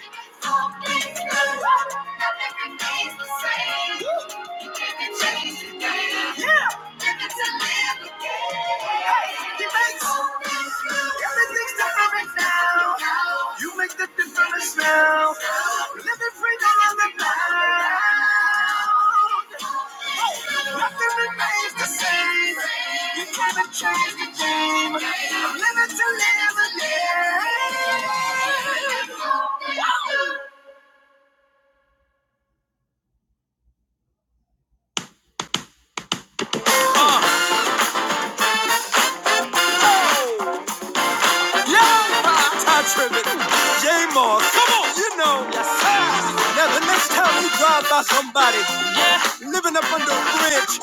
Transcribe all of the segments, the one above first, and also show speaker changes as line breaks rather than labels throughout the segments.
You make the difference now. Living free down the ground. Nothing remains the same. You cannot change the game. I'm living to live again. Jay, you know, now the next time you drive by somebody living up under a bridge,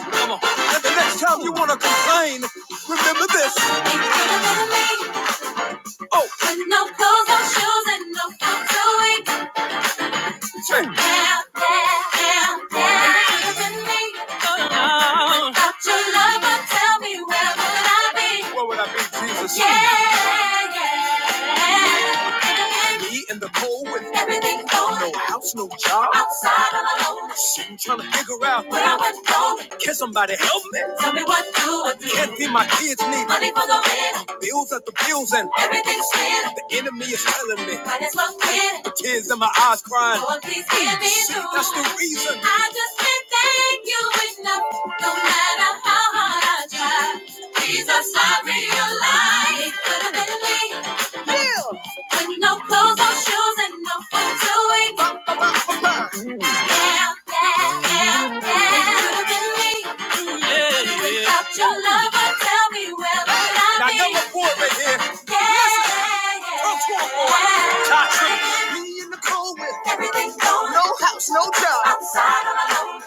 and the next time you want to complain, remember this. Ain't better than me. Oh. With no clothes, no shoes, and no food to eat. Put your Hey. Yeah, yeah, yeah. Ain't better than me. Without your love, but tell me where would I be? Where would I be, Jesus? Yeah, yeah. Me in the cold with everything going. No house, no job. Outside, all alone. Sitting trying to figure out where I went wrong. Can somebody help me? Tell me what to do. Can't feed my kids, need money for the rent. Bills at the bills and everything's clear. The enemy is telling me. Might as well quit. The tears in my eyes crying. Oh, please hear me See, through. That's the reason. I just can't thank you enough. No matter how hard I try. Jesus, I realize it could have been me. With no clothes, no shoes, and no food to eat. Yeah, yeah, yeah, yeah. It could have been me. Out your lover, tell me where would I now, be? Now number four right here. Yeah, yeah, yeah. Come on, Tatri. Me in the cold with everything going. No. Outside all alone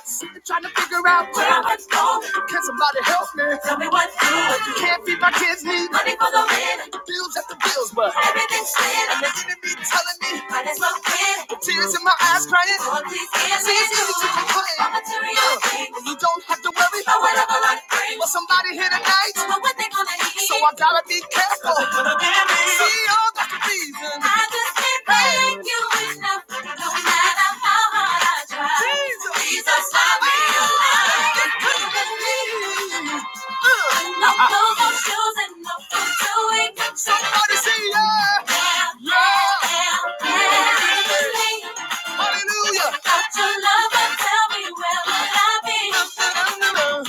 figure out where I was going. Can somebody help me? Tell me what to do. Can't feed my kids need money for the rent. Bills after bills, but everything's split. And the enemy telling me might as well quit. With tears in my eyes, crying. Lord, please hear me. See, it's easy to complain. About material things. you don't have to worry. About whatever life brings. Well, somebody here tonight. do what they gonna eat. So I gotta be careful. See, all the reason. I just can't thank you enough, no matter how hard I try. Jesus, I realize I couldn't believe. Uh, no uh, clothes, no shoes, and no food to eat. Somebody say yeah. Yeah, yeah, yeah. yeah. yeah. Hallelujah. Without your love, but tell me where would I be?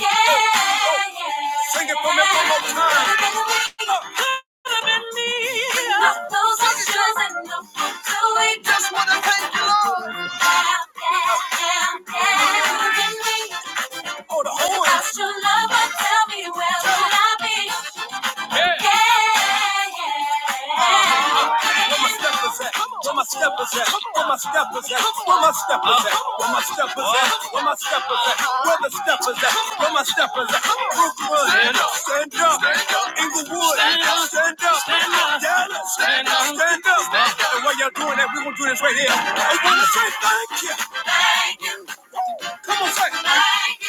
Yeah, yeah. Sing it for me one more time. Oh, the horn. Lost your love, but tell me where will I be? Where my steppers at? Where my steppers at? Where my steppers at? Where my steppers at? Where my steppers at? Where my steppers at? Where the steppers at? Where my steppers at? Brooklyn, stand up, stand up. Inglewood, stand up, stand up. Dallas, stand up, stand up. And while y'all doing that, we gonna do this right here. I wanna say thank you. thank you. Come on, say. it.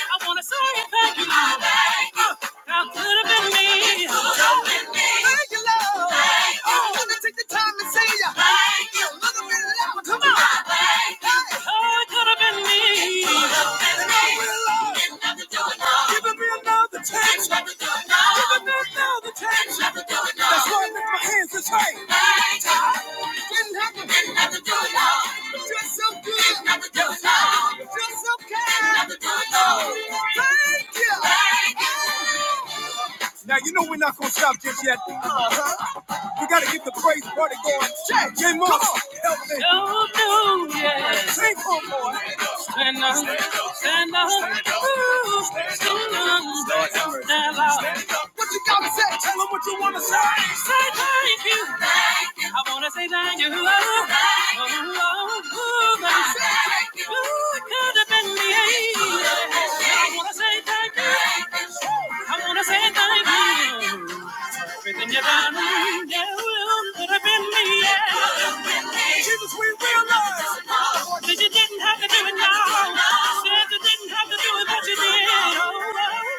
I wanna say thank you. Thank you. How could have been me? Could have been me. Thank you, Lord. Thank you. I'm gonna take the time to say ya. Thank you. A little louder. Come on. Thank you. Hey. Oh, it could have been me. Could have been me. And do it, Lord. Giving me another chance. did do it, Lord. Giving me another chance. did do it, Lord. That's why I lift my hands this way so so Now you know we're not gonna stop just yet. You gotta get the praise party going. Check. Yeah, more Help me. Oh, no, yeah. Sing for more. Stand up. Stand up. Stand up. Stand up. What you gotta say? Tell them what you wanna say. Say thank you. Thank you. I wanna say thank you. Oh, thank you. Oh, oh, oh, thank you. Ooh, it could have been me. I wanna say thank you. I wanna say thank you you done, yeah, well, could have yeah. Jesus, we will know that you didn't have to do it now. Said you didn't have to do it, but you did. Oh, well.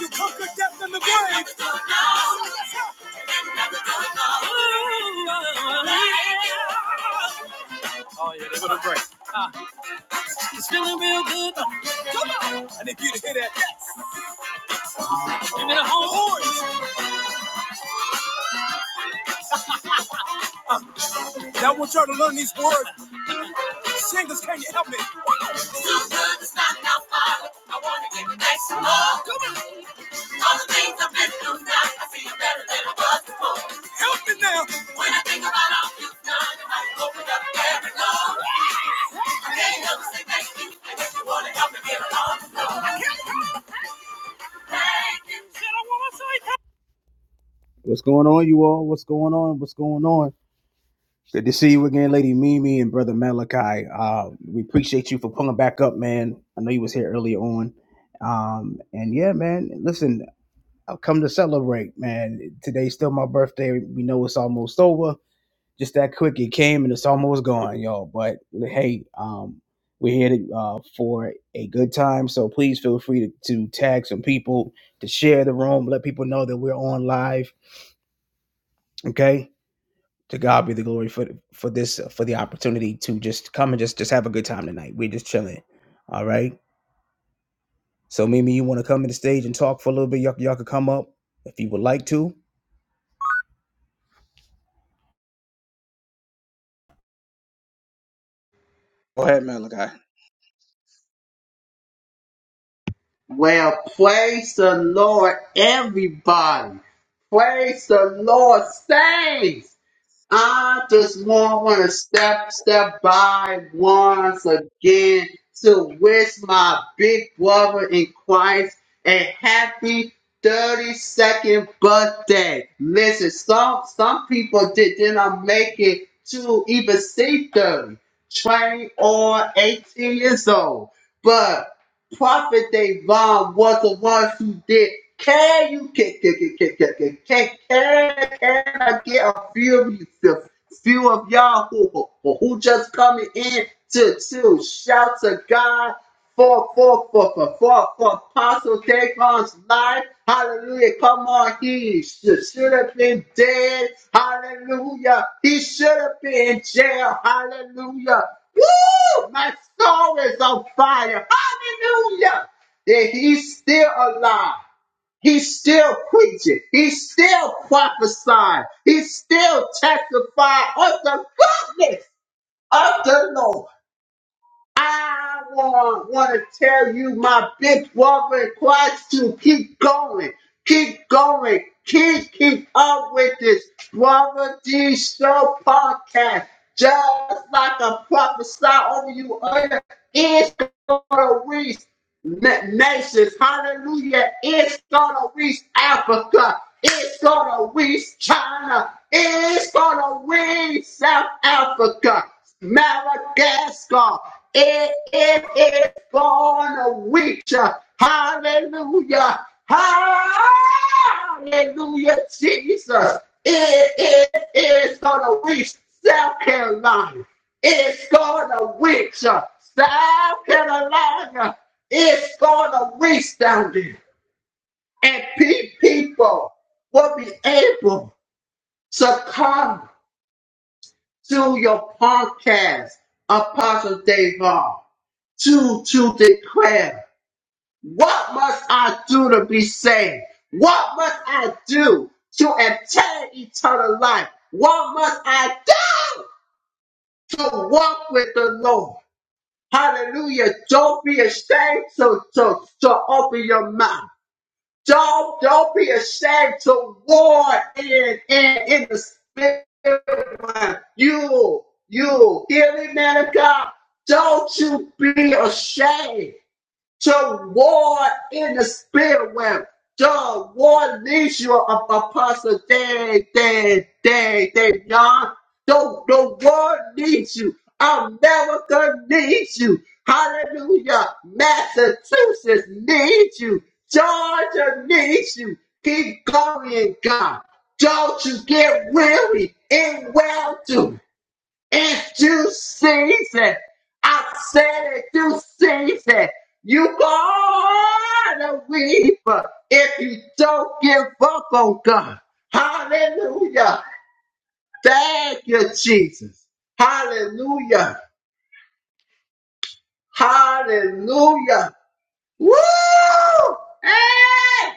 you conquered death and the grave. Oh, well, yeah. break. Ah, It's feeling real good. Come on. I need you to hear that. Give me the whole voice. Now I want y'all to learn these words. Singers, can you help me? Help me now. What's going on, you all? What's going on? What's going on? Good to see you again, Lady Mimi and Brother Malachi. Uh, we appreciate you for pulling back up, man. I know you was here earlier on. Um, and yeah, man, listen, I've come to celebrate, man. Today's still my birthday. We know it's almost over. Just that quick, it came and it's almost gone, y'all. But hey, um, we're here to, uh, for a good time. So please feel free to, to tag some people, to share the room, let people know that we're on live. Okay to God be the glory for for this for the opportunity to just come and just just have a good time tonight. We're just chilling. All right. So Mimi, you want to come to the stage and talk for a little bit? Y'all, y'all could come up if you would like to.
Well, praise the Lord, everybody. Praise the Lord, saints. I just want, want to step, step by once again to wish my big brother in Christ a happy 32nd birthday. Listen, some, some people did, did not make it to even see thirty, twenty or 18 years old. But Prophet Davon was the one who did. Can you can can can can can can can, can I get a few of you, a few of y'all who who who just coming in to to shout to God for for for for for, for Apostle Davon's life. Hallelujah! Come on, he should should have been dead. Hallelujah! He should have been in jail. Hallelujah! Woo! My soul is on fire. Hallelujah! That he's still alive. He's still preaching. He's still prophesying. He's still testifying of the goodness of the Lord. I want, want to tell you my big walking quads to keep going, keep going, keep, keep up with this Brother D Show podcast. Just like a prophesy over you, it's gonna reach nations, hallelujah, it's gonna reach Africa, it's gonna reach China, it's gonna reach South Africa, Madagascar. It, it born of which. Hallelujah. Hallelujah, Jesus. It, it is going to reach South Carolina. It's going to reach uh, South Carolina. It's going to reach down there. And people will be able to come to your podcast, Apostle Davon, to, to declare what must I do to be saved? What must I do to obtain eternal life? What must I do to walk with the Lord? Hallelujah. Don't be ashamed to, to, to open your mouth. Don't, don't be ashamed to war in, in, in the spirit. You, you, hear me, man of God? Don't you be ashamed to war in the spirit realm. The war leads you up apostle day, day, day, day, young. The, the war needs you. America needs you. Hallelujah. Massachusetts needs you. Georgia needs you. Keep going, God. Don't you get weary in well doing. If you sees it, I said if you sees it, you gonna weep if you don't give up on God. Hallelujah. Thank you, Jesus. Hallelujah. Hallelujah. Woo! Hey!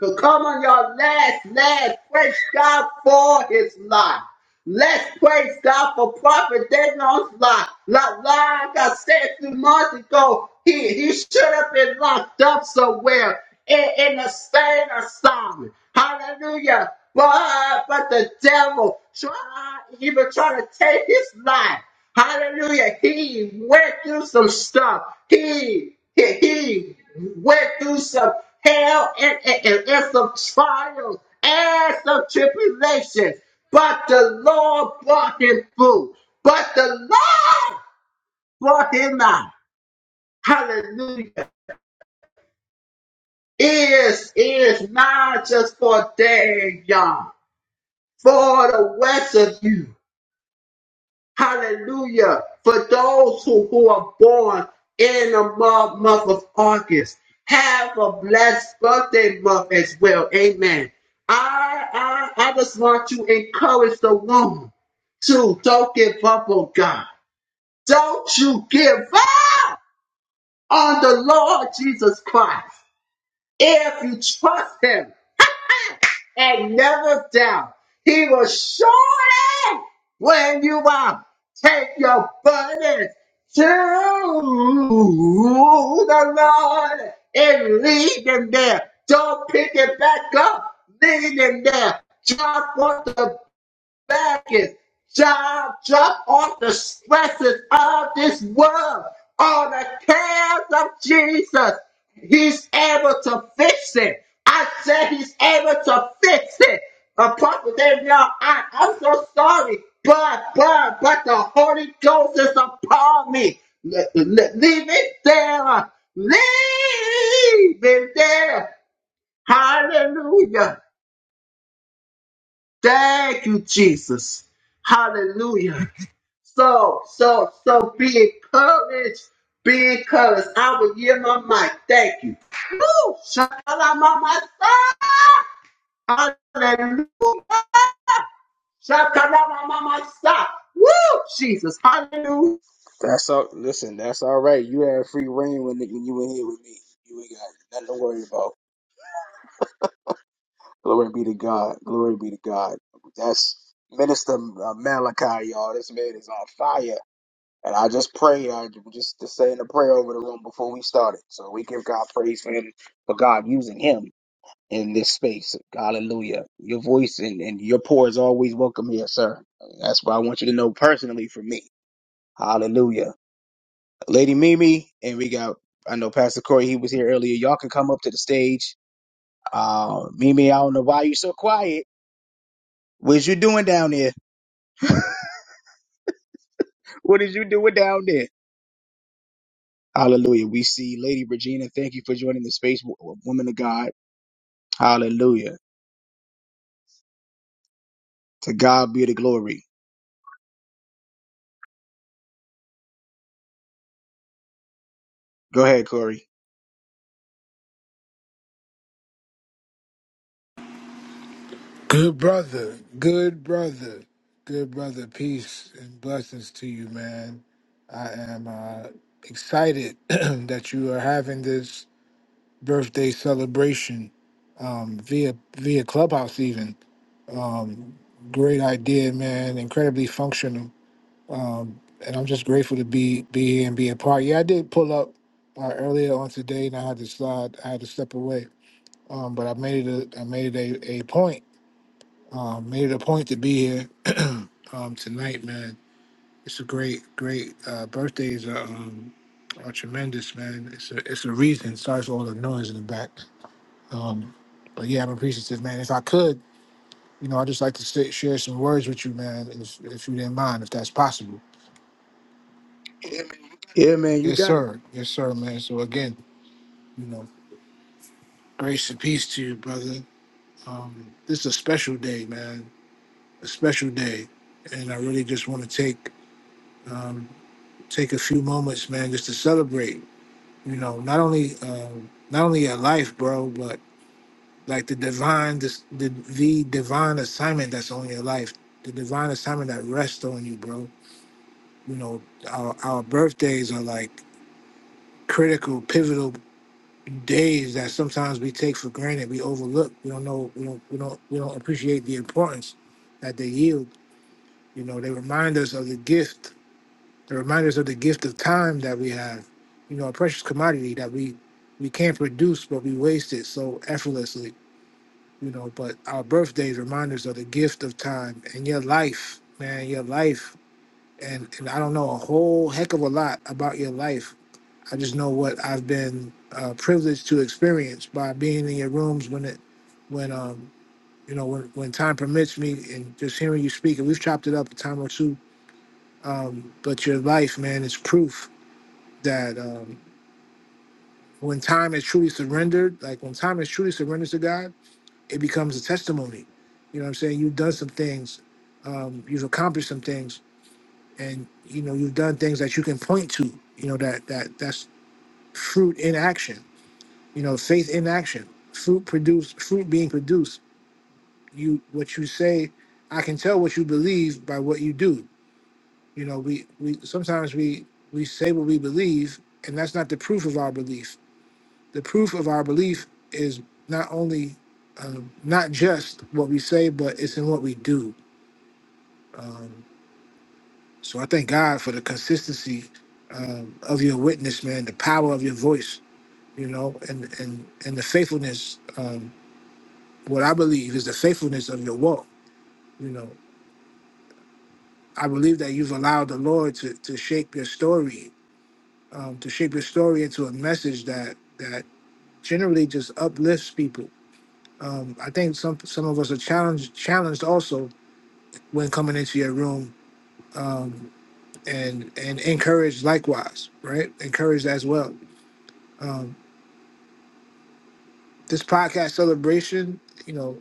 So come on your last, last. Praise God for his life. Let's praise God for Prophet Daniel's life. Like, like I said two months ago, he, he should have been locked up somewhere in, in the state assignment. Hallelujah. But, but the devil try, even trying to take his life. Hallelujah. He went through some stuff. He, he, he went through some hell and, and, and, and some trials and some tribulations. But the Lord brought him through. But the Lord brought him out. Hallelujah. Is is not just for a day, y'all. For the rest of you. Hallelujah. For those who, who are born in the month, month of August, have a blessed birthday month as well. Amen. I, I, I just want to encourage the woman to don't give up on God. Don't you give up on the Lord Jesus Christ. If you trust him, and never down. He will surely, when you are, take your burdens to the Lord and leave them there. Don't pick it back up. Leave them there. Drop what the back is job, drop off the stresses of this world. All the cares of Jesus, He's able to fix it. I said He's able to fix it. Apart from that, y'all, I, I'm so sorry, but but but the Holy Ghost is upon me. Le- le- leave it there. Leave it there. Hallelujah. Thank you, Jesus. Hallelujah. So, so, so be encouraged. Be encouraged. I will hear my mic. Thank you. Woo! Shakalama Masa. Hallelujah. Shakalama Masa. Woo! Jesus. Hallelujah.
You and that love. Glory be to God. Glory be to God. That's Minister uh, Malachi, y'all. This man is on fire. And I just pray, I just to saying a prayer over the room before we started. So we give God praise for him, for God using him. in this space. Hallelujah. Your voice and, and your pour is always welcome here, sir. That's what I want you to know personally from me. Hallelujah. Lady Mimi, and we got, I know Pastor Corey, he was here earlier. Y'all can come up to the stage. Uh, Mimi, I don't know why you're so quiet. What's you doing down there? What is you doing down there? Hallelujah. We see Lady Regina. Thank you for joining the space, wo- woman of God. Hallelujah. To God be the glory. Go ahead, Corey.
Good brother, good brother, good brother. Peace and blessings to you, man. I am uh, excited that you are having this birthday celebration um, via via Clubhouse. Even um, great idea, man. Incredibly functional, um, and I'm just grateful to be be here and be a part. Yeah, I did pull up uh, earlier on today, and I had to slide. I had to step away, um, but I made it. A, I made it a, a point um, made it a point to be here um, tonight, man. It's a great, great uh, birthdays are, um, are tremendous, man. It's a it's a reason. Sorry for all the noise in the back. Um, but yeah, I'm appreciative, man. If I could, you know, I'd just like to sit, share some words with you, man, if, if you didn't mind, if that's possible.
Yeah, man, you
Yes,
got it.
sir. Yes, sir, man. So again, you know, grace and peace to you, brother. Um, this is a special day, man. A special day, and I really just want to take. um, take a few moments, man, just to celebrate. You know, not only um, not only your life, bro, but like the divine, this, the the divine assignment that's on your life, the divine assignment that rests on you, bro. You know, our our birthdays are like critical, pivotal days that sometimes we take for granted. We overlook. We don't know. We don't. We don't. We don't appreciate the importance that they yield. You know, they remind us of the gift The reminders of the gift of time that we have, you know, a precious commodity that we we can't produce, but we waste it so effortlessly, you know. But our birthdays remind us of the gift of time and your life, man, your life. And, and I don't know a whole heck of a lot about your life. I just know what I've been uh, privileged to experience by being in your rooms when it, when um, you know, when when time permits me, and just hearing you speak. And we've chopped it up a time or two. Um, but your life, man, is proof that um, when time is truly surrendered, like when time is truly surrendered to God, it becomes a testimony. You know what I'm saying? You've done some things, um, you've accomplished some things, and you know you've done things that you can point to. You know that that that's fruit in action. You know faith in action, fruit produced, fruit being produced. You what you say, I can tell what you believe by what you do. You know we we sometimes we we say what we believe, and that's not the proof of our belief the proof of our belief is not only um, not just what we say, but it's in what we do. Um, so I thank God for the consistency um, of your witness, man, the power of your voice, you know, and and and the faithfulness. Um, what I believe is the faithfulness of your walk. You know, I believe that you've allowed the Lord to to shape your story, um, to shape your story into a message that that generally just uplifts people. Um, I think some some of us are challenged challenged also when coming into your room um, and and encourage likewise right encourage as well um, this podcast celebration you know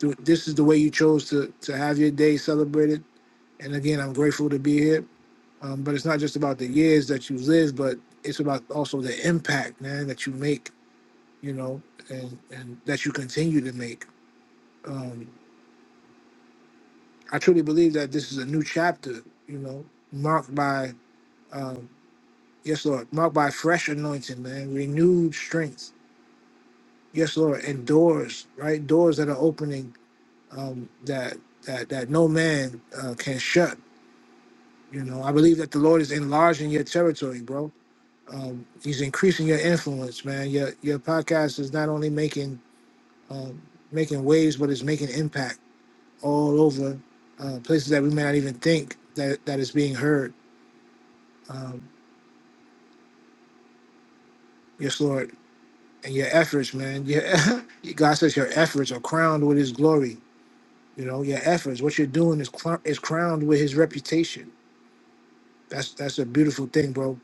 th- this is the way you chose to to have your day celebrated and again i'm grateful to be here um, but it's not just about the years that you live but it's about also the impact man that you make you know and and that you continue to make um, i truly believe that this is a new chapter you know marked by um, Yes, Lord. Marked by fresh anointing, man. Renewed strength. Yes, Lord. And doors, right? Doors that are opening um, that that that no man uh, can shut. You know, I believe that the Lord is enlarging your territory, bro. Um, he's increasing your influence, man. Your your podcast is not only making um, making waves, but it's making impact all over uh, places that we may not even think that that is being heard. Um, yes, Lord. and your efforts, man. Your, God says your efforts are crowned with His glory. You know, your efforts, what you're doing is cl- is crowned with His reputation. That's that's a beautiful thing, bro.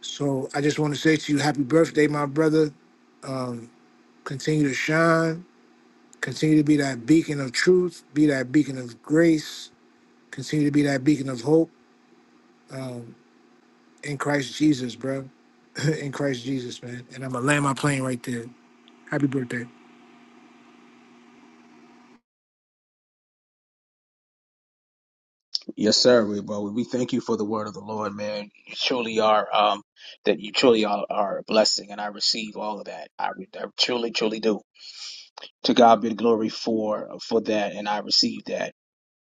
So I just want to say to you, happy birthday, my brother. Um, continue to shine. Continue to be that beacon of truth. Be that beacon of grace. Continue to be that beacon of hope um, in Christ Jesus, bro. in Christ Jesus, man. And I'm gonna land my plane right there. Happy birthday.
Yes, sir. We, well, we thank you for the word of the Lord, man. You truly are, um, that you truly are, are a blessing, and I receive all of that. I, re- I truly, truly do. To God be the glory for for that, and I receive that.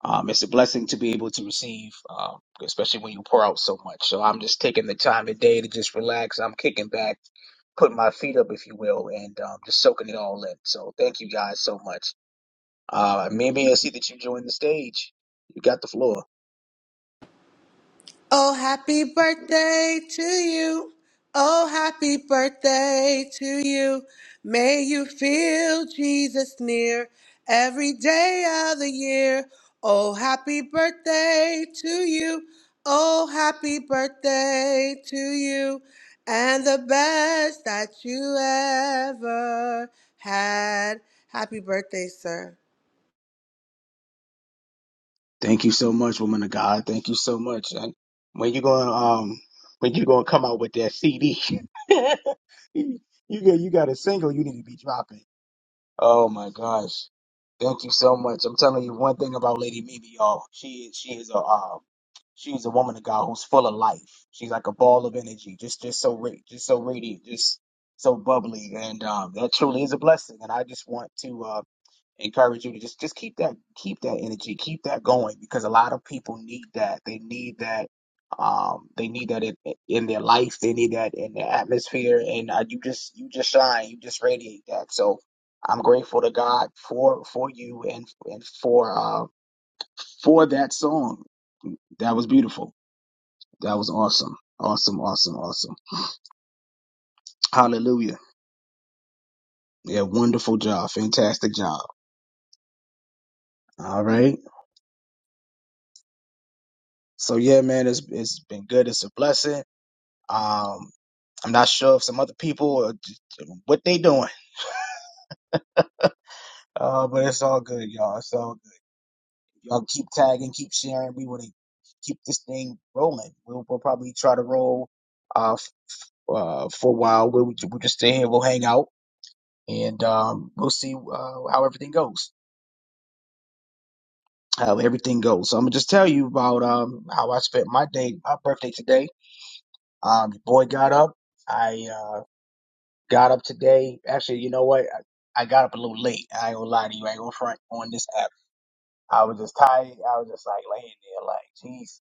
Um, it's a blessing to be able to receive, um, especially when you pour out so much. So I'm just taking the time today to just relax. I'm kicking back, putting my feet up, if you will, and um, just soaking it all in. So thank you guys so much. Uh, maybe I see that you joined the stage. You got the floor.
Oh, happy birthday to you. Oh, happy birthday to you. May you feel Jesus near every day of the year. Oh, happy birthday to you. Oh, happy birthday to you. And the best that you ever had. Happy birthday, sir.
Thank you so much, woman of God. Thank you so much. And when you gonna um when you gonna come out with that CD? you got you got a single you need to be dropping. Oh my gosh. Thank you so much. I'm telling you one thing about Lady Mimi, y'all. She is she is a um she's a woman of God who's full of life. She's like a ball of energy, just just so ra- just so radiant, just so bubbly, and um that truly is a blessing. And I just want to. uh, encourage you to just just keep that keep that energy keep that going because a lot of people need that they need that um they need that in, in their life they need that in their atmosphere and uh, you just you just shine you just radiate that so I'm grateful to God for for you and and for uh for that song that was beautiful that was awesome awesome awesome awesome hallelujah fantastic job all right so yeah man it's it's been good it's a blessing um I'm not sure if some other people are, what they doing. Uh, but it's all good, y'all. So y'all keep tagging, keep sharing. We want to keep this thing rolling. We'll, we'll probably try to roll uh, f- uh for a while. We'll, we'll just stay here. We'll hang out, and um, we'll see uh, how everything goes. How everything goes. So I'm gonna just tell you about um how I spent my day, my birthday today. Um, your boy got up. I uh got up today. Actually, you know what? I, I got up a little late. I ain't gonna lie to you. I ain't gonna front on this app. I was just tired. I was just like laying there, like Jesus.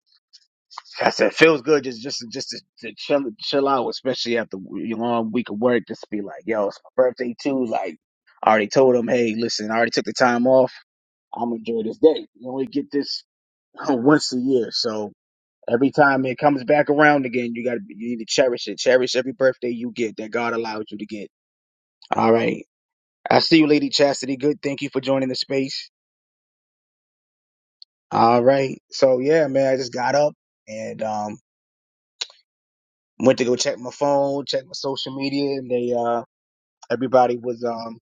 I said, feels good just just just to, to chill chill out, especially after a long week of work. Just to be like, yo, it's my birthday too. Like, I already told them, hey, listen, I already took the time off. I'm gonna enjoy this day. You only get this once a year, so every time it comes back around again, you gotta you need to cherish it. Cherish every birthday you get that God allows you to get. All right, I see you, Lady Chastity. Good, thank you for joining the space. All right, so yeah, man, I just got up and um Went to go check my phone, check my social media, and they uh everybody was um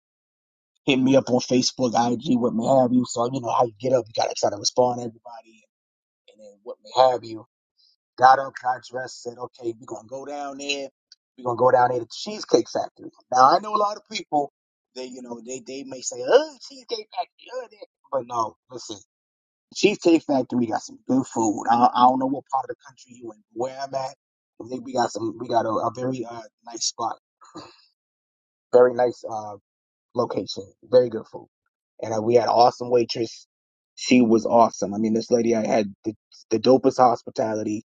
hitting me up on Facebook, IG, what may have you. So you know how you get up, you gotta try to respond to everybody, and then what may have you. Got up, got dressed, said, okay, we're gonna go down there. We're gonna go down there to the Cheesecake Factory. Now I know a lot of people. They you know they they may say, oh, Cheesecake Factory, oh, that. but no, listen. Cheesecake Factory got some good food. I, I don't know what part of the country you in, where I'm at. I think we got some. We got a, a very uh, nice spot Very nice uh, location. Very good food. And uh, we had an awesome waitress. She was awesome. I mean, this lady I had the, the dopest hospitality.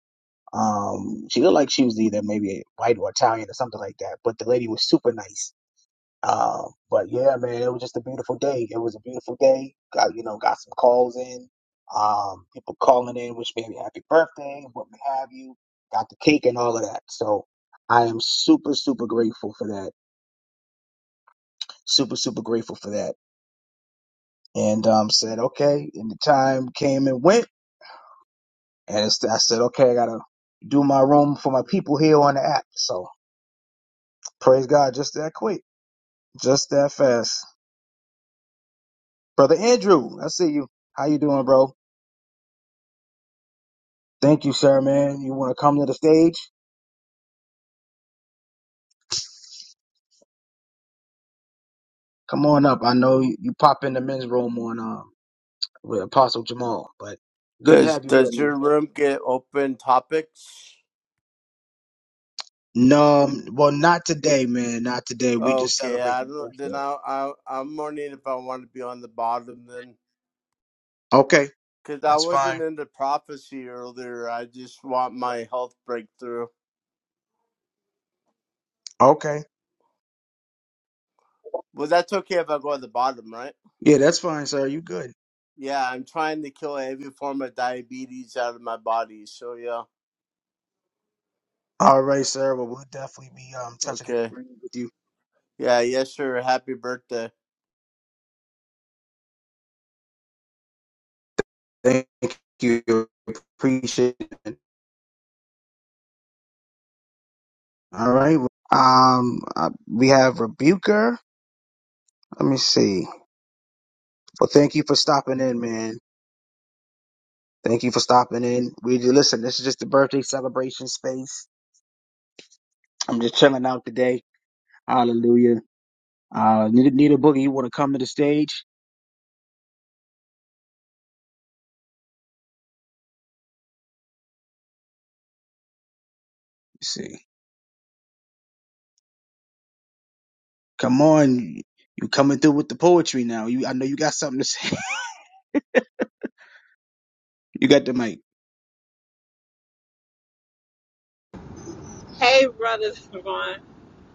Um, she looked like she was either maybe white or Italian or something like that. But the lady was super nice. Um, but yeah, man, it was just a beautiful day. It was a beautiful day. Got you know, got some calls in. Um, people calling in, wish me a happy birthday, what have you. Got the cake and all of that. So I am super, super grateful for that. Super, super grateful for that and um, said, okay. And the time came and went. And it's, I said, okay, I got to do my room for my people here on the app. So praise God, just that quick, just that fast. Brother Andrew, I see you. How you doing, bro? Thank you, sir, man. You want to come to the stage? Come on up. I know you, you pop in the men's room on um, with Apostle Jamal, but good to
Does
have you here,
does
man.
your room get open topics?
No, um, well, not today, man. Not today. We just
Okay,
celebrate
I
my
don't, then
birthday.
I, I I'm wondering if I want to be on the bottom then,
Okay,
because I
that's
wasn't
fine.
into prophecy earlier. I just want my health breakthrough.
Okay.
Well, that's okay if I go at the bottom, right?
Yeah, that's fine, sir. You good.
Yeah, I'm trying to kill every form of diabetes out of my body. So yeah,
All right, sir. Well, we'll definitely be um touching and
okay,
agreeing with you.
yeah, yes, sir. Happy birthday.
Thank you. Appreciate it. All right. Well, Um, uh, we have Rebuker. Let me see. Well, thank you for stopping in, man. Thank you for stopping in. We do listen. This is just the birthday celebration space. I'm just chilling out today. Hallelujah. Uh, need, need a boogie. You want to come to the stage? Let's see. Come on. You coming through with the poetry now. You, I know you got something to say. you got the mic.
Hey, Brother Devon.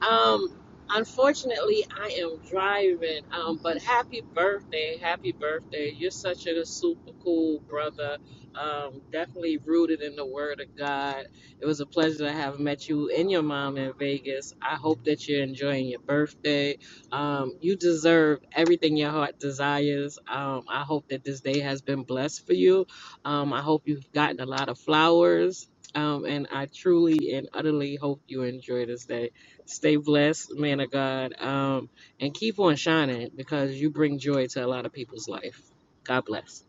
Um, unfortunately, I am driving. Um, but happy birthday, happy birthday! You're such a super cool brother. Um, definitely rooted in the Word of God. It was a pleasure to have met you and your mom in Vegas. I hope that you're enjoying your birthday. Um, you deserve everything your heart desires. Um, I hope that this day has been blessed for you. Um, I hope you've gotten a lot of flowers. Um, and I truly and utterly hope you enjoy this day. Stay blessed, man of God, um, and keep on shining because you bring joy to a lot of people's life. God bless.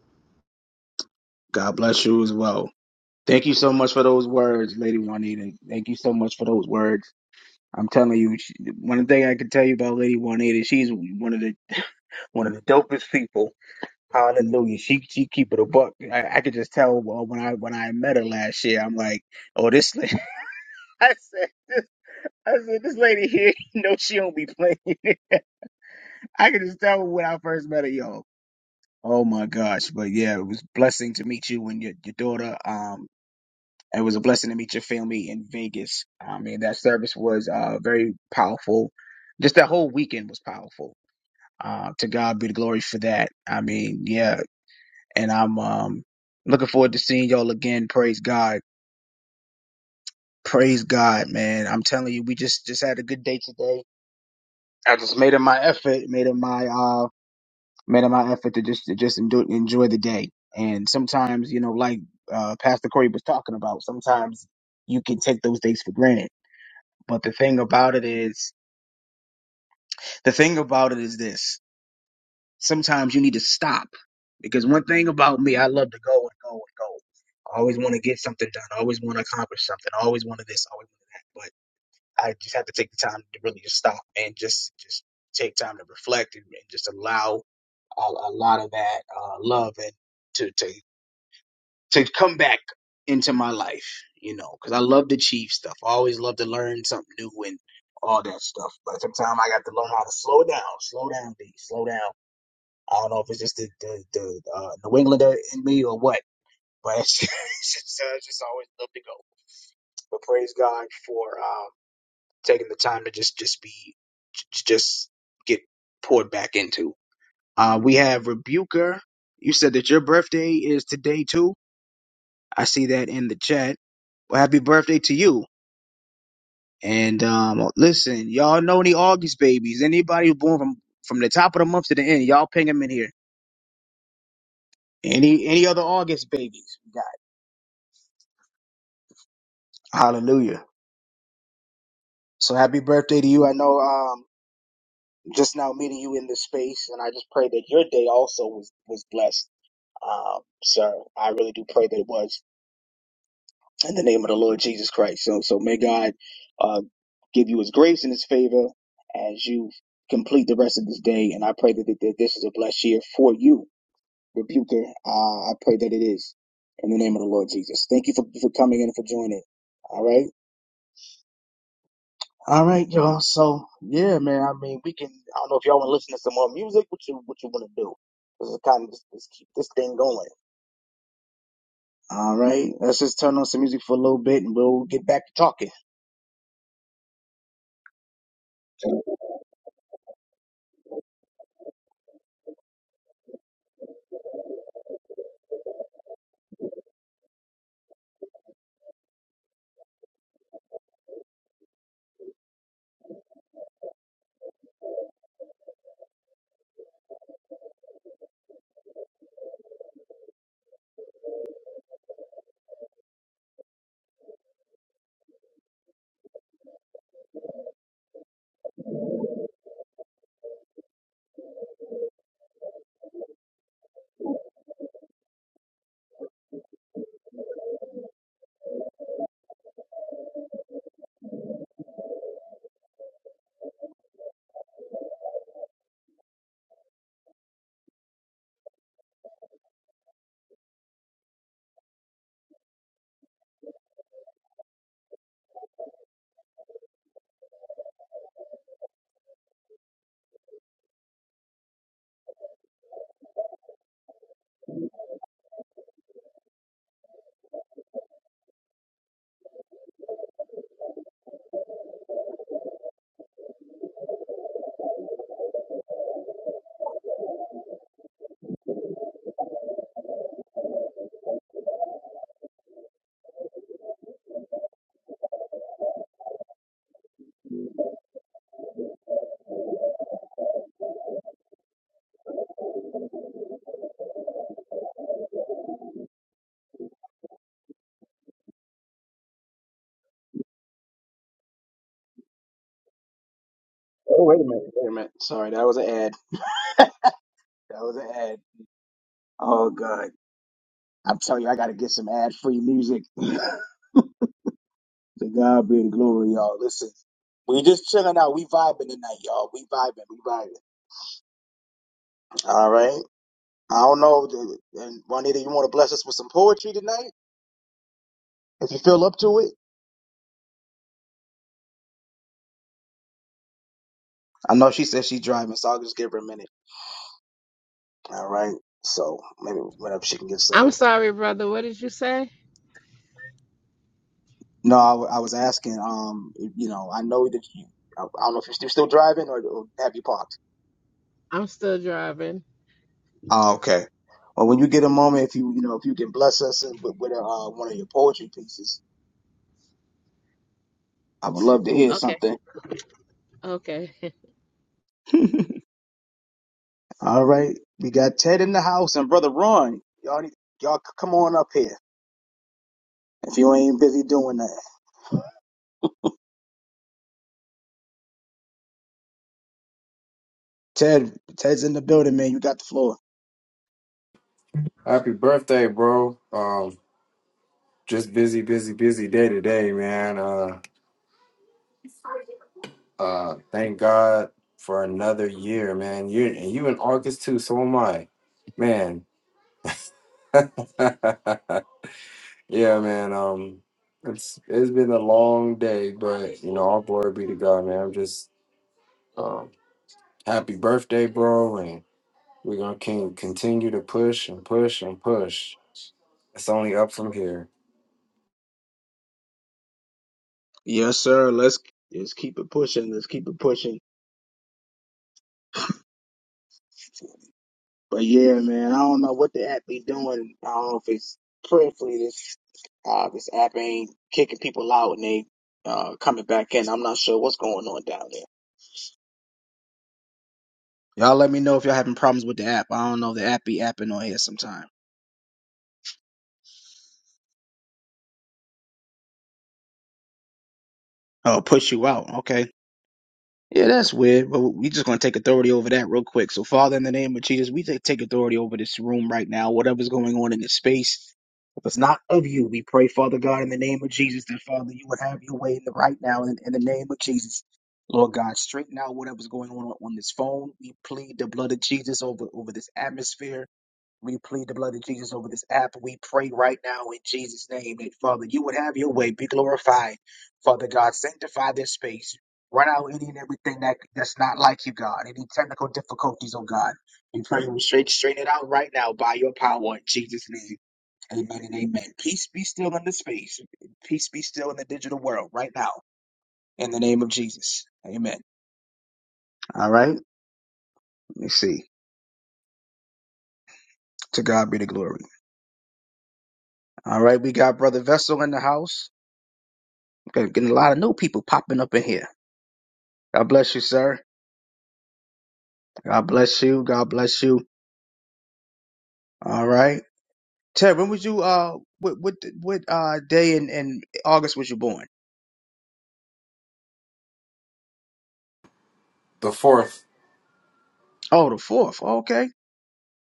God bless you as well. Thank you so much for those words, Lady Juanita. Thank you so much for those words. I'm telling you, she, one thing I can tell you about Lady Juanita, she's one of the one of the dopest people. Hallelujah. She she keep it a buck. I, I could just tell well, when I when I met her last year, I'm like, oh this lady. I said I said this lady here, no, she don't be playing. I could just tell when I first met her, yo. Oh my gosh, but yeah, it was a blessing to meet you and your, your daughter. Um, It was a blessing to meet your family in Vegas. I mean, that service was uh, very powerful. Just that whole weekend was powerful. Uh, to God be the glory for that. I mean, yeah. And I'm um, looking forward to seeing y'all again. Praise God. Praise God, man. I'm telling you, we just just had a good day today. I just made it my effort, made it my uh, made it my effort to just to just enjoy, enjoy the day. And sometimes, you know, like uh, Pastor Corey was talking about, sometimes you can take those days for granted. But the thing about it is. The thing about it is this. Sometimes you need to stop. Because one thing about me, I love to go and go and go. I always want to get something done. I always want to accomplish something. I always wanted this. I always wanted that. But I just have to take the time to really just stop and just just take time to reflect and, and just allow a, a lot of that uh, love and to, to to come back into my life. You know, because I love to achieve stuff. I always love to learn something new and all that stuff. But sometimes I got to learn how to slow down, slow down, D, slow down I don't know if it's just the the, the uh, New Englander in me or what, but it's just, it's just uh, just always love to go. But praise God for um, taking the time to just just be j- just get poured back into. Uh, we have Rebuker. You said that your birthday is today too. I see that in the chat. Well, happy birthday to you. And um, listen, y'all know any August babies? Anybody who's born from from the top of the month to the end, y'all ping them in here. Any any other August babies? we got? Hallelujah. So happy birthday to you. I know um just now meeting you in this space and I just pray that your day also was was blessed. Um sir, I really do pray that it was in the name of the Lord Jesus Christ. So so may God uh give you his grace and his favor as you complete the rest of this day and I pray that, that this is a blessed year for you, rebuker. Uh I pray that it is in the name of the Lord Jesus. Thank you for for coming in and for joining. All right. All right, y'all. So yeah, man. I mean, we can. I don't know if y'all want to listen to some more music. What you what you want to do? Let's kind of just, just keep this thing going. All right. Let's just turn on some music for a little bit, and we'll get back to talking. Oh wait a minute. Wait a minute. Sorry, that was an ad. That was an ad. Oh god. I'm telling you, I gotta get some ad-free music. to God be the glory, y'all. Listen, we just chilling out. We vibing tonight, y'all. We vibing. We vibing. All right. I don't know. And Juanita, you want to bless us with some poetry tonight? If you feel up to it, I know she said she's driving, so I'll just give her a minute. All right. So maybe whenever she can get
I'm
settled.
sorry, brother. What did you say?
No, I, w- I was asking. Um, you know, I know that you. I, I don't know if you're still still driving or, or have you parked.
I'm still driving.
Oh, okay. Well, when you get a moment, if you you know if you can bless us with, with uh, one of your poetry pieces, I would love to hear
Okay,
something.
okay.
All right, we got Ted in the house and brother Ron. Y'all, need, y'all c- come on up here if you ain't busy doing that. Ted, Ted's in the building, man. You got the floor.
Happy birthday, bro. Um, just busy, busy, busy day today, man. Uh, uh, thank God for another year, man. You and you in August too, so am I, man. yeah, man. Um, it's it's been a long day, but you know, all glory be to God, man. I'm just um, happy birthday, bro, and we're gonna can continue to push and push and push. It's only up from here.
Yes, sir. Let's let's keep it pushing. Let's keep it pushing. But yeah, man, I don't know what the app be doing. I don't know if it's prayerfully this uh this app ain't kicking people out and they uh coming back in. I'm not sure what's going on down there. Y'all let me know if y'all having problems with the app. I don't know if the app be apping on here sometime. Oh, push you out. Okay. Yeah, that's weird, but we just gonna take authority over that real quick. So, Father, in the name of Jesus, we take take authority over this room right now. Whatever's going on in this space, if it's not of you, we pray, Father God, in the name of Jesus, that Father, you would have your way in the right now, in, in the name of Jesus, Lord God, straighten out whatever's going on on this phone. We plead the blood of Jesus over over this atmosphere. We plead the blood of Jesus over this app. We pray right now in Jesus' name that, Father, you would have your way, be glorified. Father God, sanctify this space. Run out any and everything that, that's not like you, God. Any technical difficulties, oh God. We pray we straight, straighten it out right now by your power in Jesus' name. Amen and amen. Peace be still in the space. Peace be still in the digital world right now in the name of Jesus. Amen. All right. Let me see. To God be the glory. All right. We got Brother Vessel in the house. Okay, getting a lot of new people popping up in here. God bless you, sir. God bless you. God bless you. All right. Ted, when was you uh what what what uh day in, in August was you born?
The fourth,
Oh, the fourth. Oh, okay.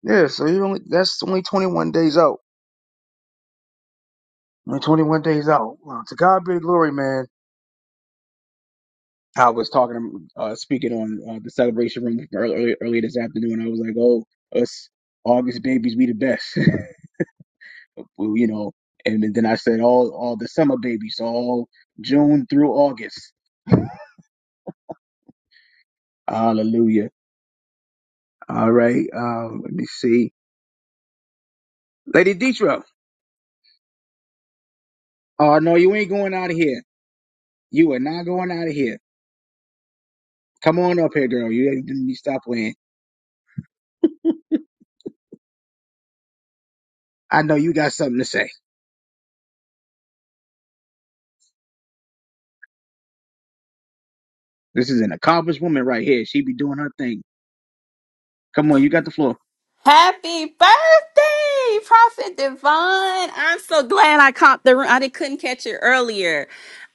Yeah, so you only that's only twenty one days out. Only twenty one days out. Well, to God be the glory, man. I was talking uh speaking on uh, the celebration room earlier earlier this afternoon. I was like, Oh, us August babies, we the best. Well, you know, and then I said all all the summer babies, all June through August. Hallelujah. All right. Um, let me see. Oh no, you ain't going here. You here. I know you got something to say. This is an accomplished woman right here. She be doing her thing. Come on, you got the floor.
Happy birthday, Prophet Devon. I'm so glad I caught the room. I did, couldn't catch it earlier.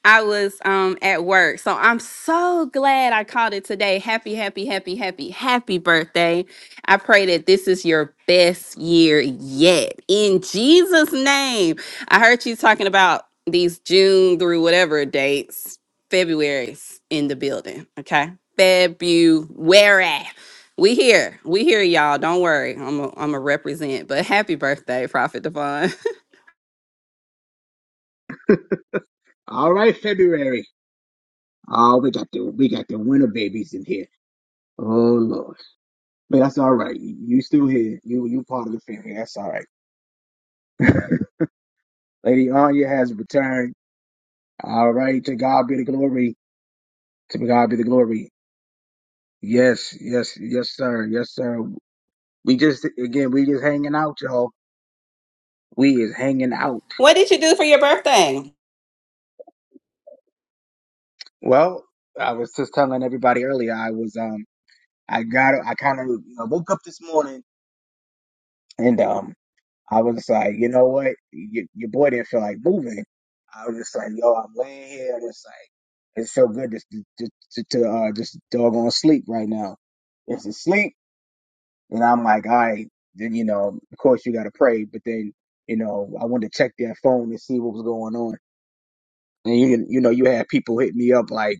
I was um at work. So I'm so glad I caught it today. Happy, happy, happy, happy, happy birthday. I pray that this is your best year yet. In Jesus' name. I heard you talking about these June through whatever dates. February's in the building. Okay. February. We here. We here, y'all. Don't worry. I'm a, I'm a represent. But happy birthday, Prophet Devon.
All right, February. Oh, we got the we got the winter babies in here. Oh Lord. But that's all right. You you still here. You you part of the family. That's all right. Lady Anya has returned. All right, to God be the glory. To God be the glory. Yes, yes, yes, sir. Yes, sir. We just, again, we just hanging out, y'all. We is hanging out.
what did you do for your birthday?
Well, I was just telling everybody earlier, I was, um, I got, I kind of you know, woke up this morning and, um, I was like, you know what? Y your boy didn't feel like moving. I was just like, yo, I'm laying here. and It's like, it's so good to, to, to, to uh, just doggone sleep right now. It's asleep. And I'm like, all right, then, you know, of course you got to pray. But then, you know, I wanted to check their phone and see what was going on. And you, you know, you had people hit me up like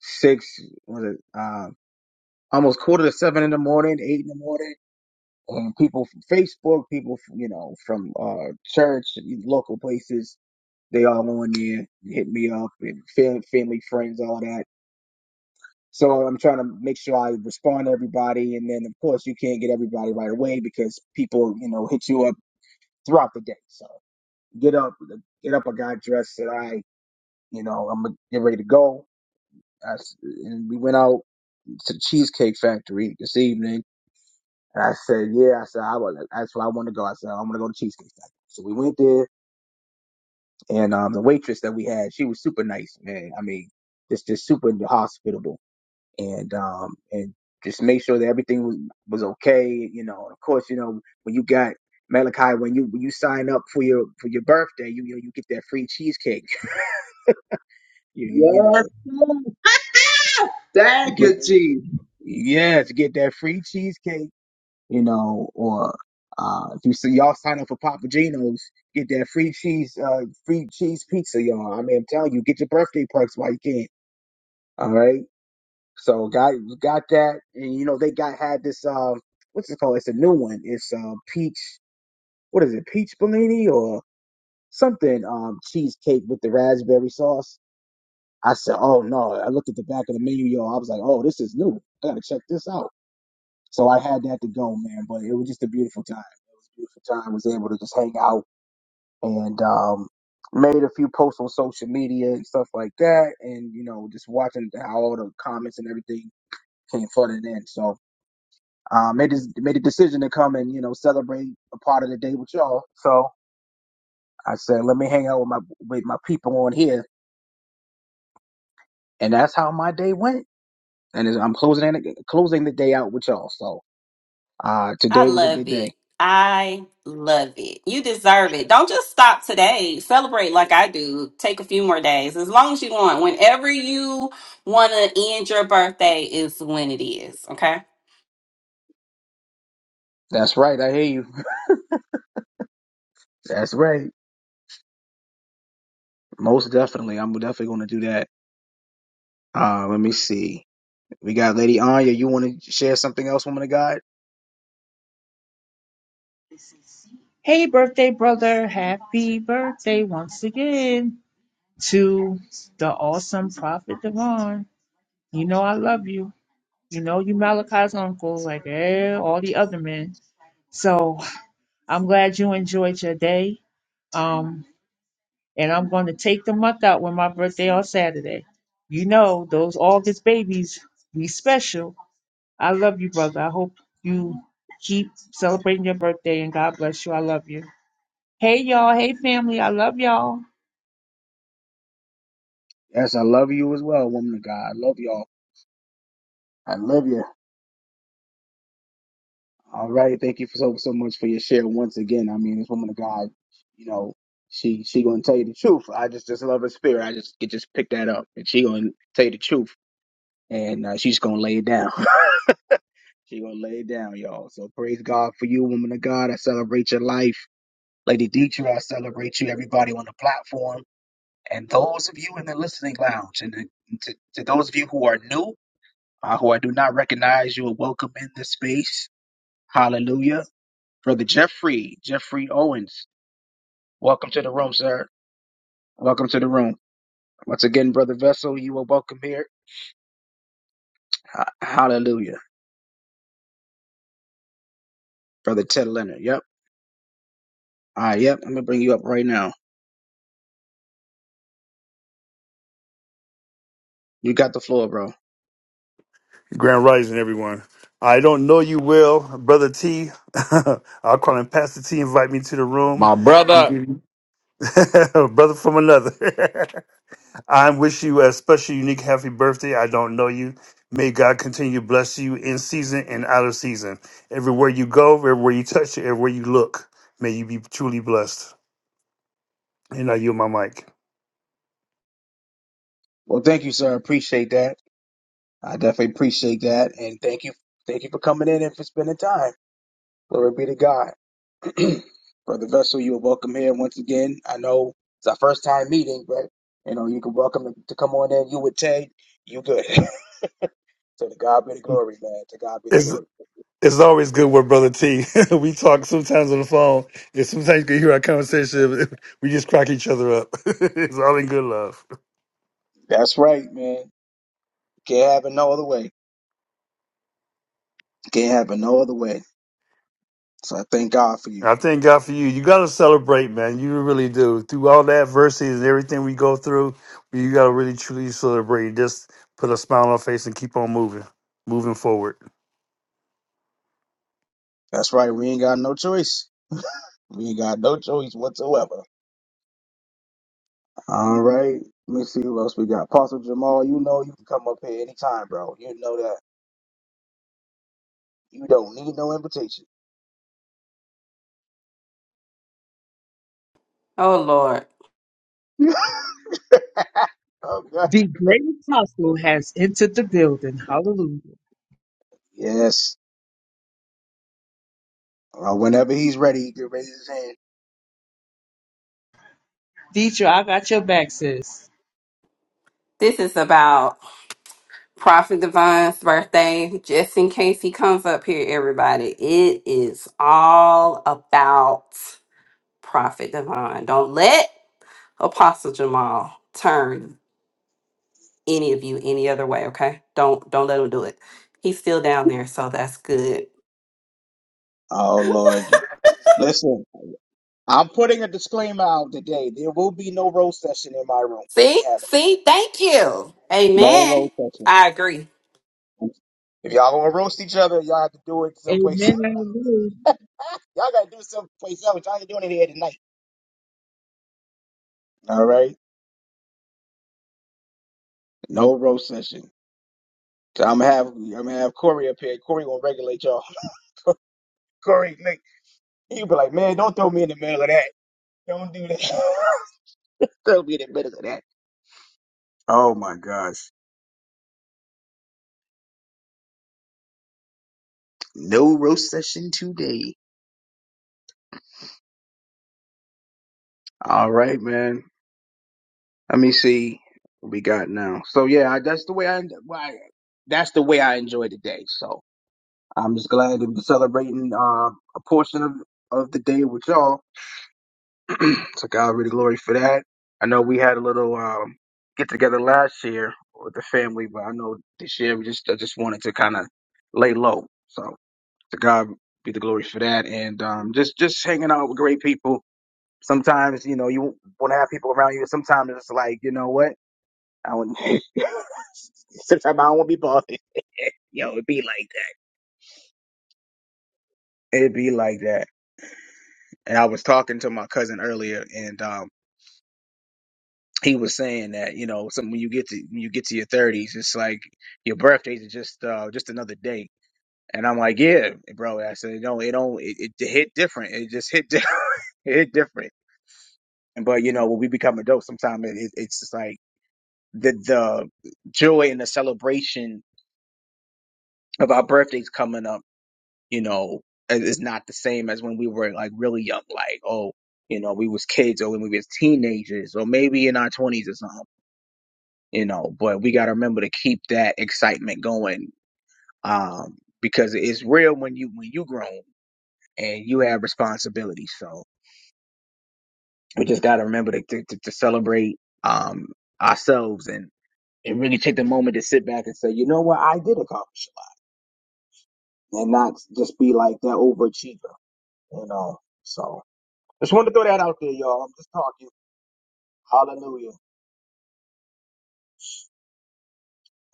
six, was it, um, almost quarter to seven in the morning, eight in the morning. And people from Facebook, people, from, you know, from, uh, church, local places, they all on there, hit me up and fam- family, friends, all that. So I'm trying to make sure I respond to everybody. And then, of course, you can't get everybody right away because people, you know, hit you up throughout the day. So get up, get up. I got dressed, said, "All right, you know, I'm gonna get ready to go." I s and we went out to the Cheesecake Factory this evening, and I said, "Yeah," I said, "I was, that's what I want to go." I said, "I'm gonna go to Cheesecake Factory." So we went there, and um, the waitress that we had, she was super nice, man. I mean, just just super hospitable, and um, and just make sure that everything was, was okay, you know. And of course, you know, when you got Malachi, when you when you sign up for your for your birthday, you you, know, you get that free cheesecake. You, you
Yes.
know,
Lord. Thank
get,
you, Jesus.
yeah, to get that free cheesecake, you know, or uh, if you see y'all sign up for Papa Gino's, get that free cheese, uh, free cheese pizza, y'all. I mean, I'm telling you, get your birthday perks while you can. All right. So got you got that, and you know they got had this um, what's it called? It's a new one. It's uh, peach. What is it? Peach Bellini or something? Um, cheesecake with the raspberry sauce. I said, oh no! I looked at the back of the menu, y'all. I was like, oh, this is new. I gotta check this out. So I had that to go, man. But it was just a beautiful time. It was a beautiful time. I was able to just hang out and um, made a few posts on social media and stuff like that. And you know, just watching how all the comments and everything came flooding in. So uh, made this, made a decision to come and you know celebrate a part of the day with y'all. So I said, let me hang out with my with my people on here, and that's how my day went. And it's- I'm closing it- closing the day out with y'all. So uh,
I
today was a
love
good
it.
day.
I love it. You deserve it. Don't just stop today. Celebrate like I do. Take a few more days. As long as you want. Whenever you want to end your birthday is when it is. Okay?
That's right. I hear you. That's right. Most definitely. I'm definitely going to do that. Uh, let me see. We got Lady Anya. You want to share something else, woman of God?
Hey, birthday brother. Happy birthday once again to the awesome Prophet Devon. You know I love you. You know you Malachi's uncle, like eh, all the other men. So I'm glad you enjoyed your day. Um, and I'm going to take the month out with my birthday on Saturday. You know those August babies be special. I love you, brother. I hope you keep celebrating your birthday and God bless you. I love you. Hey y'all, hey family, I love y'all.
Yes, I love you as well, woman of God. I love y'all. I love you. All right. Thank you for so, so much for your share once again. I mean, this woman of God, you know, she she going to tell you the truth. I just just love her spirit. I just could just pick that up. And she going to tell you the truth. And uh, she's going to lay it down. she going to lay it down, y'all. So praise God for you, woman of God. I celebrate your life. Lady Dietra, I celebrate you, everybody on the platform. And those of you in the listening lounge, and to, to those of you who are new, uh, who I do not recognize, you are welcome in this space. Hallelujah. Brother Jeffrey, Jeffrey Owens, welcome to the room, sir. Welcome to the room. Once again, Brother Vessel, you are welcome here. Ha- Hallelujah. Brother Ted Leonard, yep. All right, yep. I'm going to bring you up right now. You got the floor, bro.
Grand Rising, everyone. I don't know you will, Brother T. I'll call him Pastor T. Invite me to the room.
My
I'm
brother.
giving brother from another. I wish you a special, unique, happy birthday. I don't know you. May God continue to bless you in season and out of season. Everywhere you go, everywhere you touch, everywhere you look, may you be truly blessed. And I yield my mic.
Well, thank you, sir. Appreciate that. I definitely appreciate that. And thank you. Thank you for coming in and for spending time. Glory be to God. Brother Vessel, you are welcome here once again. I know it's our first time meeting, but you know, you can welcome to, to come on in. You with Tay, you good. so to God be the glory, man. To God be the glory.
It's always good with Brother T. we talk sometimes on the phone, and sometimes you can hear our conversation. We just crack each other up. it's all in good love.
That's right, man. Can't have it no other way. Can't have it no other way. So I thank God for you.
I thank God for you. You got to celebrate, man. You really do. Through all the adversities and everything we go through, you got to really truly celebrate. Just put a smile on our face and keep on moving, moving forward.
That's right. We ain't got no choice. We ain't got no choice whatsoever. All right. Let me see who else we got. Apostle Jamal, you know you can come up here anytime, bro. You know that. You don't need no invitation.
Oh Lord.
okay.
The great apostle has entered the building. Hallelujah.
Yes. Uh, whenever he's ready, he can raise his hand.
Teacher, I got your back, sis.
This is about Prophet Divine's birthday. Just in case he comes up here, everybody. It is all about Prophet Divine. Don't let Apostle Jamal turn any of you any other way, okay? Don't don't let him do it. He's still down there, so that's good.
Oh Lord, listen, I'm putting a disclaimer out today. There will be no roast session in my room. We
See?
ain't having it.
See? Thank you.
No
Amen.
roast session.
I agree.
If y'all gonna roast each other, y'all have to do it someplace. y'all
Amen. Hallelujah.
gotta do it someplace else. Y'all ain't doing it here tonight. All right, no roast session. So I'm gonna have I'm gonna have Corey up here. Corey gonna regulate y'all. Corey, Nick, he'll be like, man, don't throw me in the middle of that. Don't do that. throw me in the middle of that. Oh my gosh. No roast session today. All right, man. Let me see what we got now. So yeah, I, that's the way I, why that's the way I enjoy the day. So I'm just glad to be celebrating uh, a portion of of the day with y'all. so God be the glory for that. I know we had a little um, get together last year with the family, but I know this year we just I just wanted to kind of lay low. So to God be the glory for that, and um, just just hanging out with great people Sometimes, you know, you want to have people around you. Sometimes it's like, you know what? I want. Sometimes I don't want to be bothered. Yo, it'd be like that. It'd be like that. And I was talking to my cousin earlier, and um, he was saying that you know, some, when you get to when you get to your thirties, it's like your birthdays are just uh, just another day. And I'm like, yeah, bro. I said, no, it don't. It, it hit different. It just hit different. it hit different. But you know, when we become adults, sometimes it, it, it's just like. the the joy and the celebration of our birthdays coming up, you know, is is not the same as when we were like really young, like oh, you know, we was kids or when we was teenagers or maybe in our twenties or something, you know. But we got to remember to keep that excitement going, um, because it's real when you when you grown and you have responsibilities. So we just got to remember to, to to celebrate um ourselves and and really take the moment to sit back and say, you know what, I did accomplish. and not just be like that overachiever, you know. So just wanted to throw that out there, y'all. I'm just talking. Hallelujah.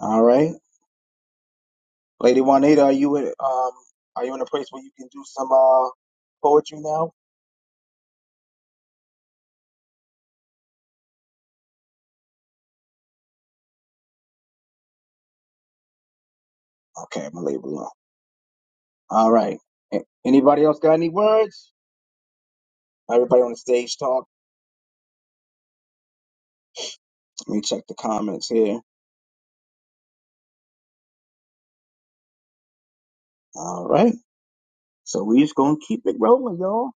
All right, Lady Juanita, are you in, um are you in a place where you can do some uh poetry now? Okay, I'm gonna label alone. All right. A- Anybody else got any words? Everybody on the stage talk. Let me check the comments here. All right. So we just gonna keep it rolling, y'all.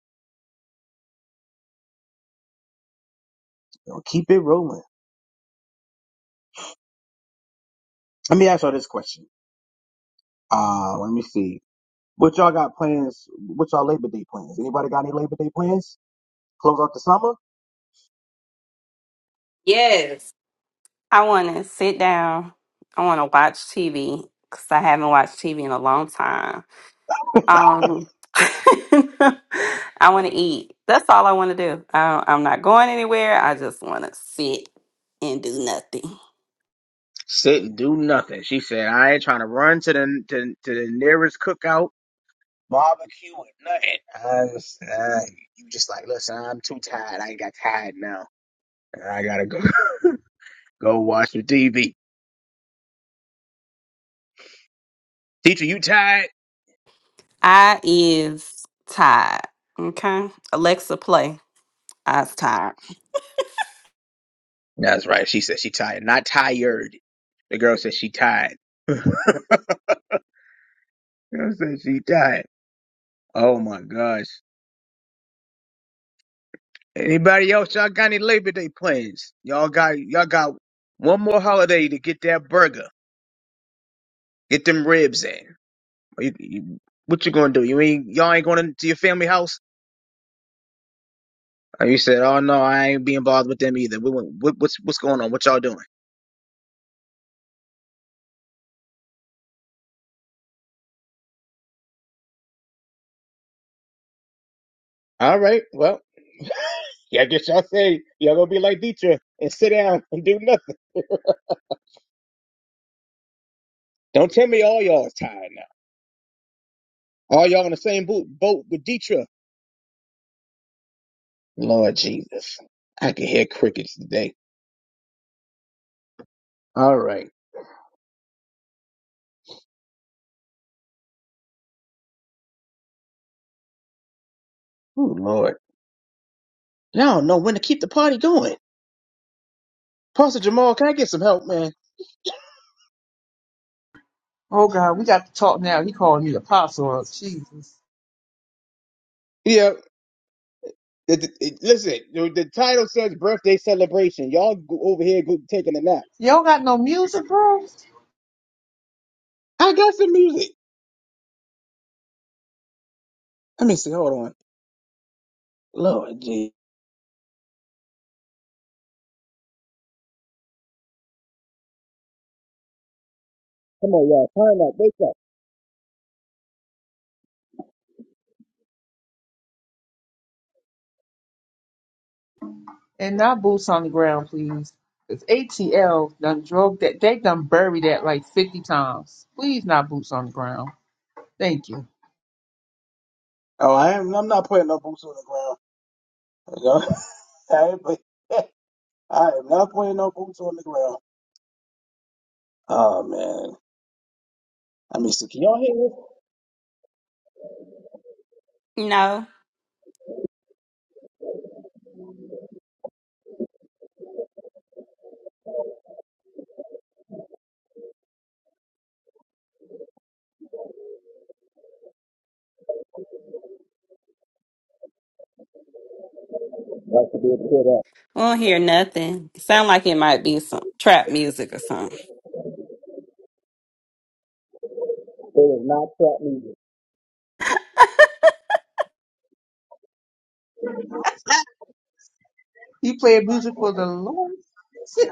Gonna keep it rolling. Let me ask y'all this question. Uh, let me see. What y'all got plans? What y'all Labor Day plans? Anybody got any Labor Day plans? Close out the summer?
Yes. I want to sit down. I want to watch TV cuz I haven't watched TV in a long time. Um I want to eat. That's all I want to do. I, I'm not going anywhere. I just want to sit and do nothing.
Sit and do nothing. She said, I ain't trying to run to the to, to the nearest cookout, barbecue, or nothing. I was, uh, you just like, listen, I'm too tired. I ain't got tired now. I gotta go go watch the TV. Teacher, you tired?
I is tired. Okay. Alexa, play. I's tired.
That's right. She said she tired, not tired. The girl said she tired. The girl said she tired. Oh my gosh. Anybody else? Y'all got any Labor Day plans? Y'all got y'all got one more holiday to get that burger, get them ribs in. You- you- what you gonna do? You ain't y'all ain't going to your family house? And you said, oh no, I ain't being bothered with them either. What, what, what's what's going on? What y'all doing? All right, well, yeah, I guess y'all say y'all gonna be like Dietrich and sit down and do nothing. Don't tell me all y'all is tired now. All y'all in the same boat, boat with Dietrich. Lord Jesus, I can hear crickets today. All right, oh Lord. And I don't know when to keep the party going. Pastor Jamal, can I get some help, man?
Oh God, we got to talk now. He called me apostle. Jesus.
Yeah, it, it, it- listen, the, the title says birthday celebration. Y'all go over here go, taking a nap.
Y'all got no music, bro?
I got some music. Let me see. Hold on. Lord, gee. Come on, y'all. Turn up. They-
And not boots on the ground, please. Because ATL done drove that they done buried that like fifty times. Please not boots on the ground. Thank you.
Oh, I am. I'm not putting no boots on the ground. You know? I, ain't put- I am not putting no boots on the ground. Oh man. Let me see. Can y'all hear this?
No,
Y'all should be able to hear that.
we don't hear nothing. Sound like it might be some trap music or something.
You played music for the Lord?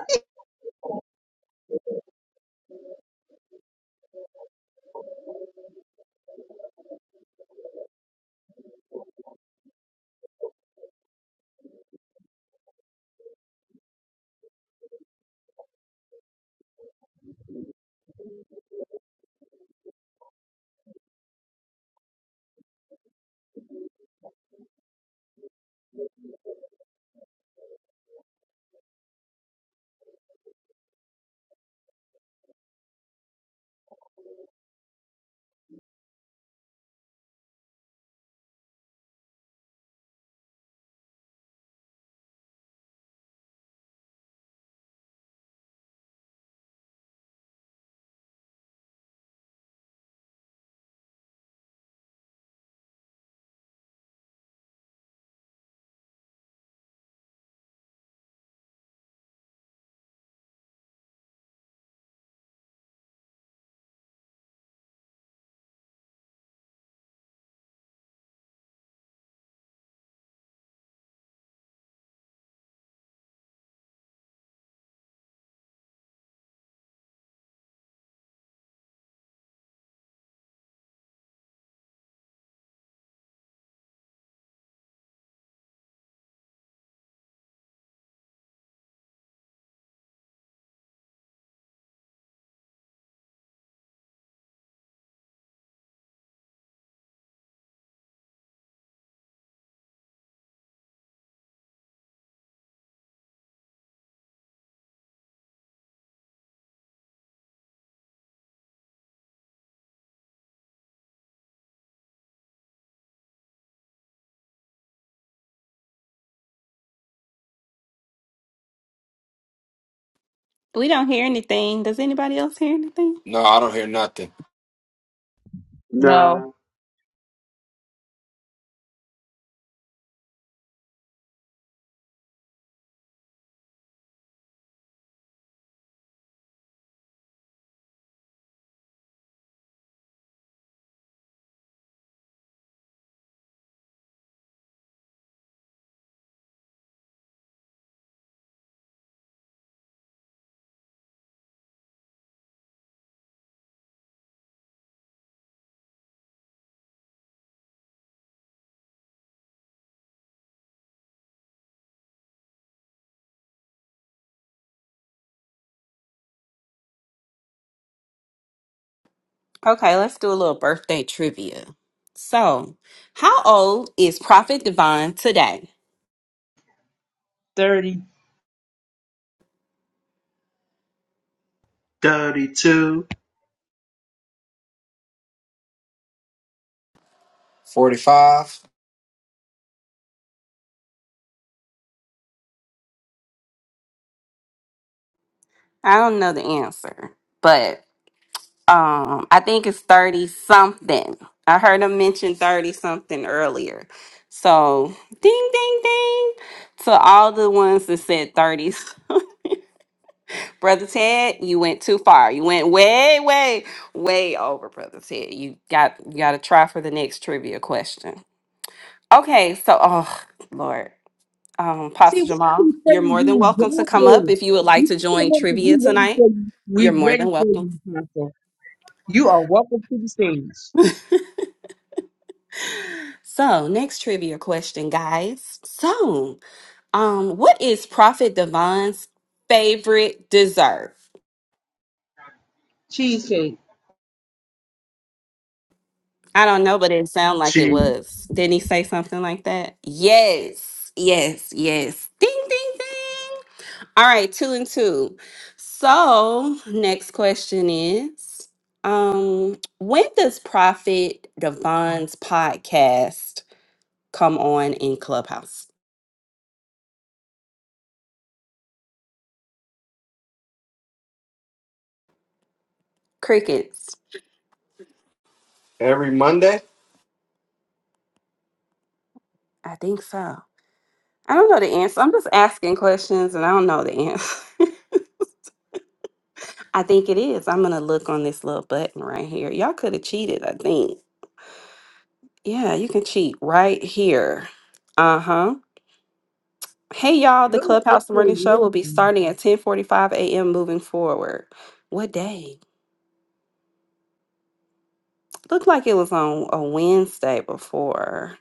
We don't hear anything. Does anybody else hear anything?
No, I don't hear nothing.
No.
No.
Okay, let's do a little birthday trivia. So, how old is Prophet Divine today?
Thirty.
32.
45.
I don't know the answer, but um i think it's 30 something i heard him mention 30 something earlier so ding ding ding to all the ones that said 30s brother ted you went too far you went way way way over brother ted you got you got to try for the next trivia question okay so oh lord um
See,
pastor
we
jamal
can say
you're more than
you
welcome to
got
come up
this.
if you would like
You
to
can
join
come up because
trivia
we ready
tonight
for you. We
you're more
ready
than
for
welcome
you, Pastor. You are welcome to the stage.
So, next trivia question, guys. So, um, what is Prophet Devon's favorite dessert?
Cheesecake.
I don't know, but it sounded like it
Jesus.
was. Didn't he say something like that? Yes, yes, yes. Ding, ding, ding. All right, two and two. So, next question is, um, when does Prophet Devon's podcast come on in Clubhouse? Crickets.
every Monday.
I think so. I don't know the answer. I'm just asking questions and I don't know the answer. I think it is. I'm going to look on this little button right here. Y'all could have cheated, I think. Yeah, you can cheat right here. Uh-huh. Hey y'all, the
Look at this
Clubhouse Morning
thing,
Show will be starting at 10:45 a.m. moving forward. What day? Looked like it was on a Wednesday before.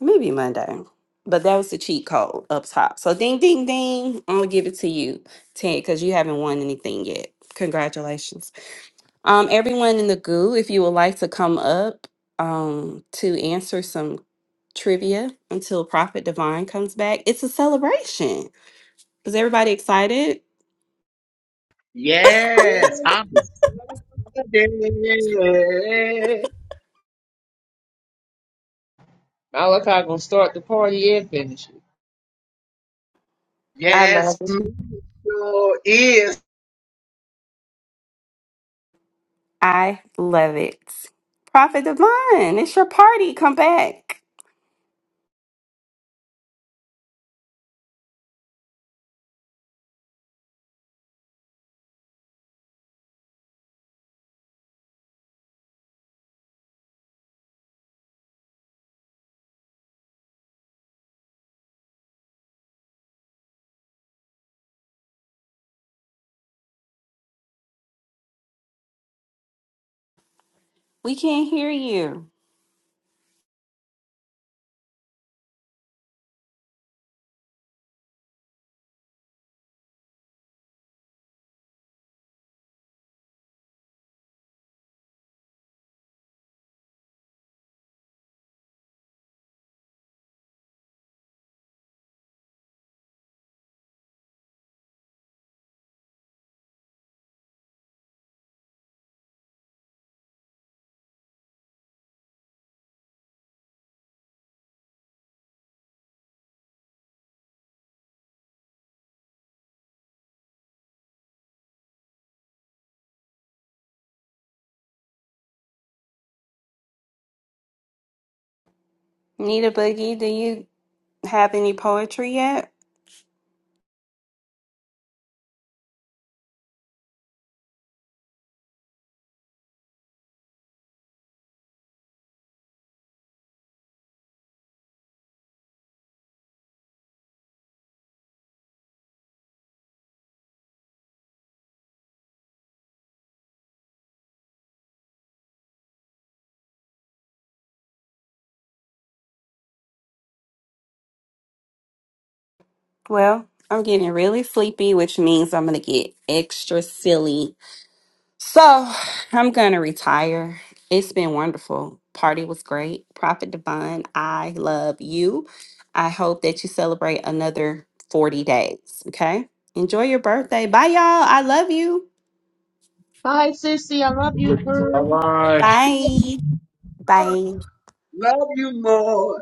Maybe Monday. But that was the cheat code up top. So ding ding ding. I'm gonna give it to you, Ted, because you haven't won anything yet. Congratulations. Um, everyone in the goo, if you would like to come up um, to answer some trivia until Prophet Divine comes back, it's a celebration. Is everybody excited?
Yes. I'm excited.
Malachi gonna start the party and finish it.
I love
Yes,
it.
sure is.
I love it. Prophet Divine, it's your party. Come back. We can't hear you. Nita Boogie, do you have any poetry yet? Well, I'm getting really sleepy, which means I'm going to get extra silly So I'm gonna retire. It's been wonderful. Party was great. Prophet Divine, I love you. I hope that you celebrate another 40 days. Okay. Enjoy your birthday. Bye, y'all. I love you.
Hi, sissy. I love you, girl.
All right.
Bye. Bye.
Love you more.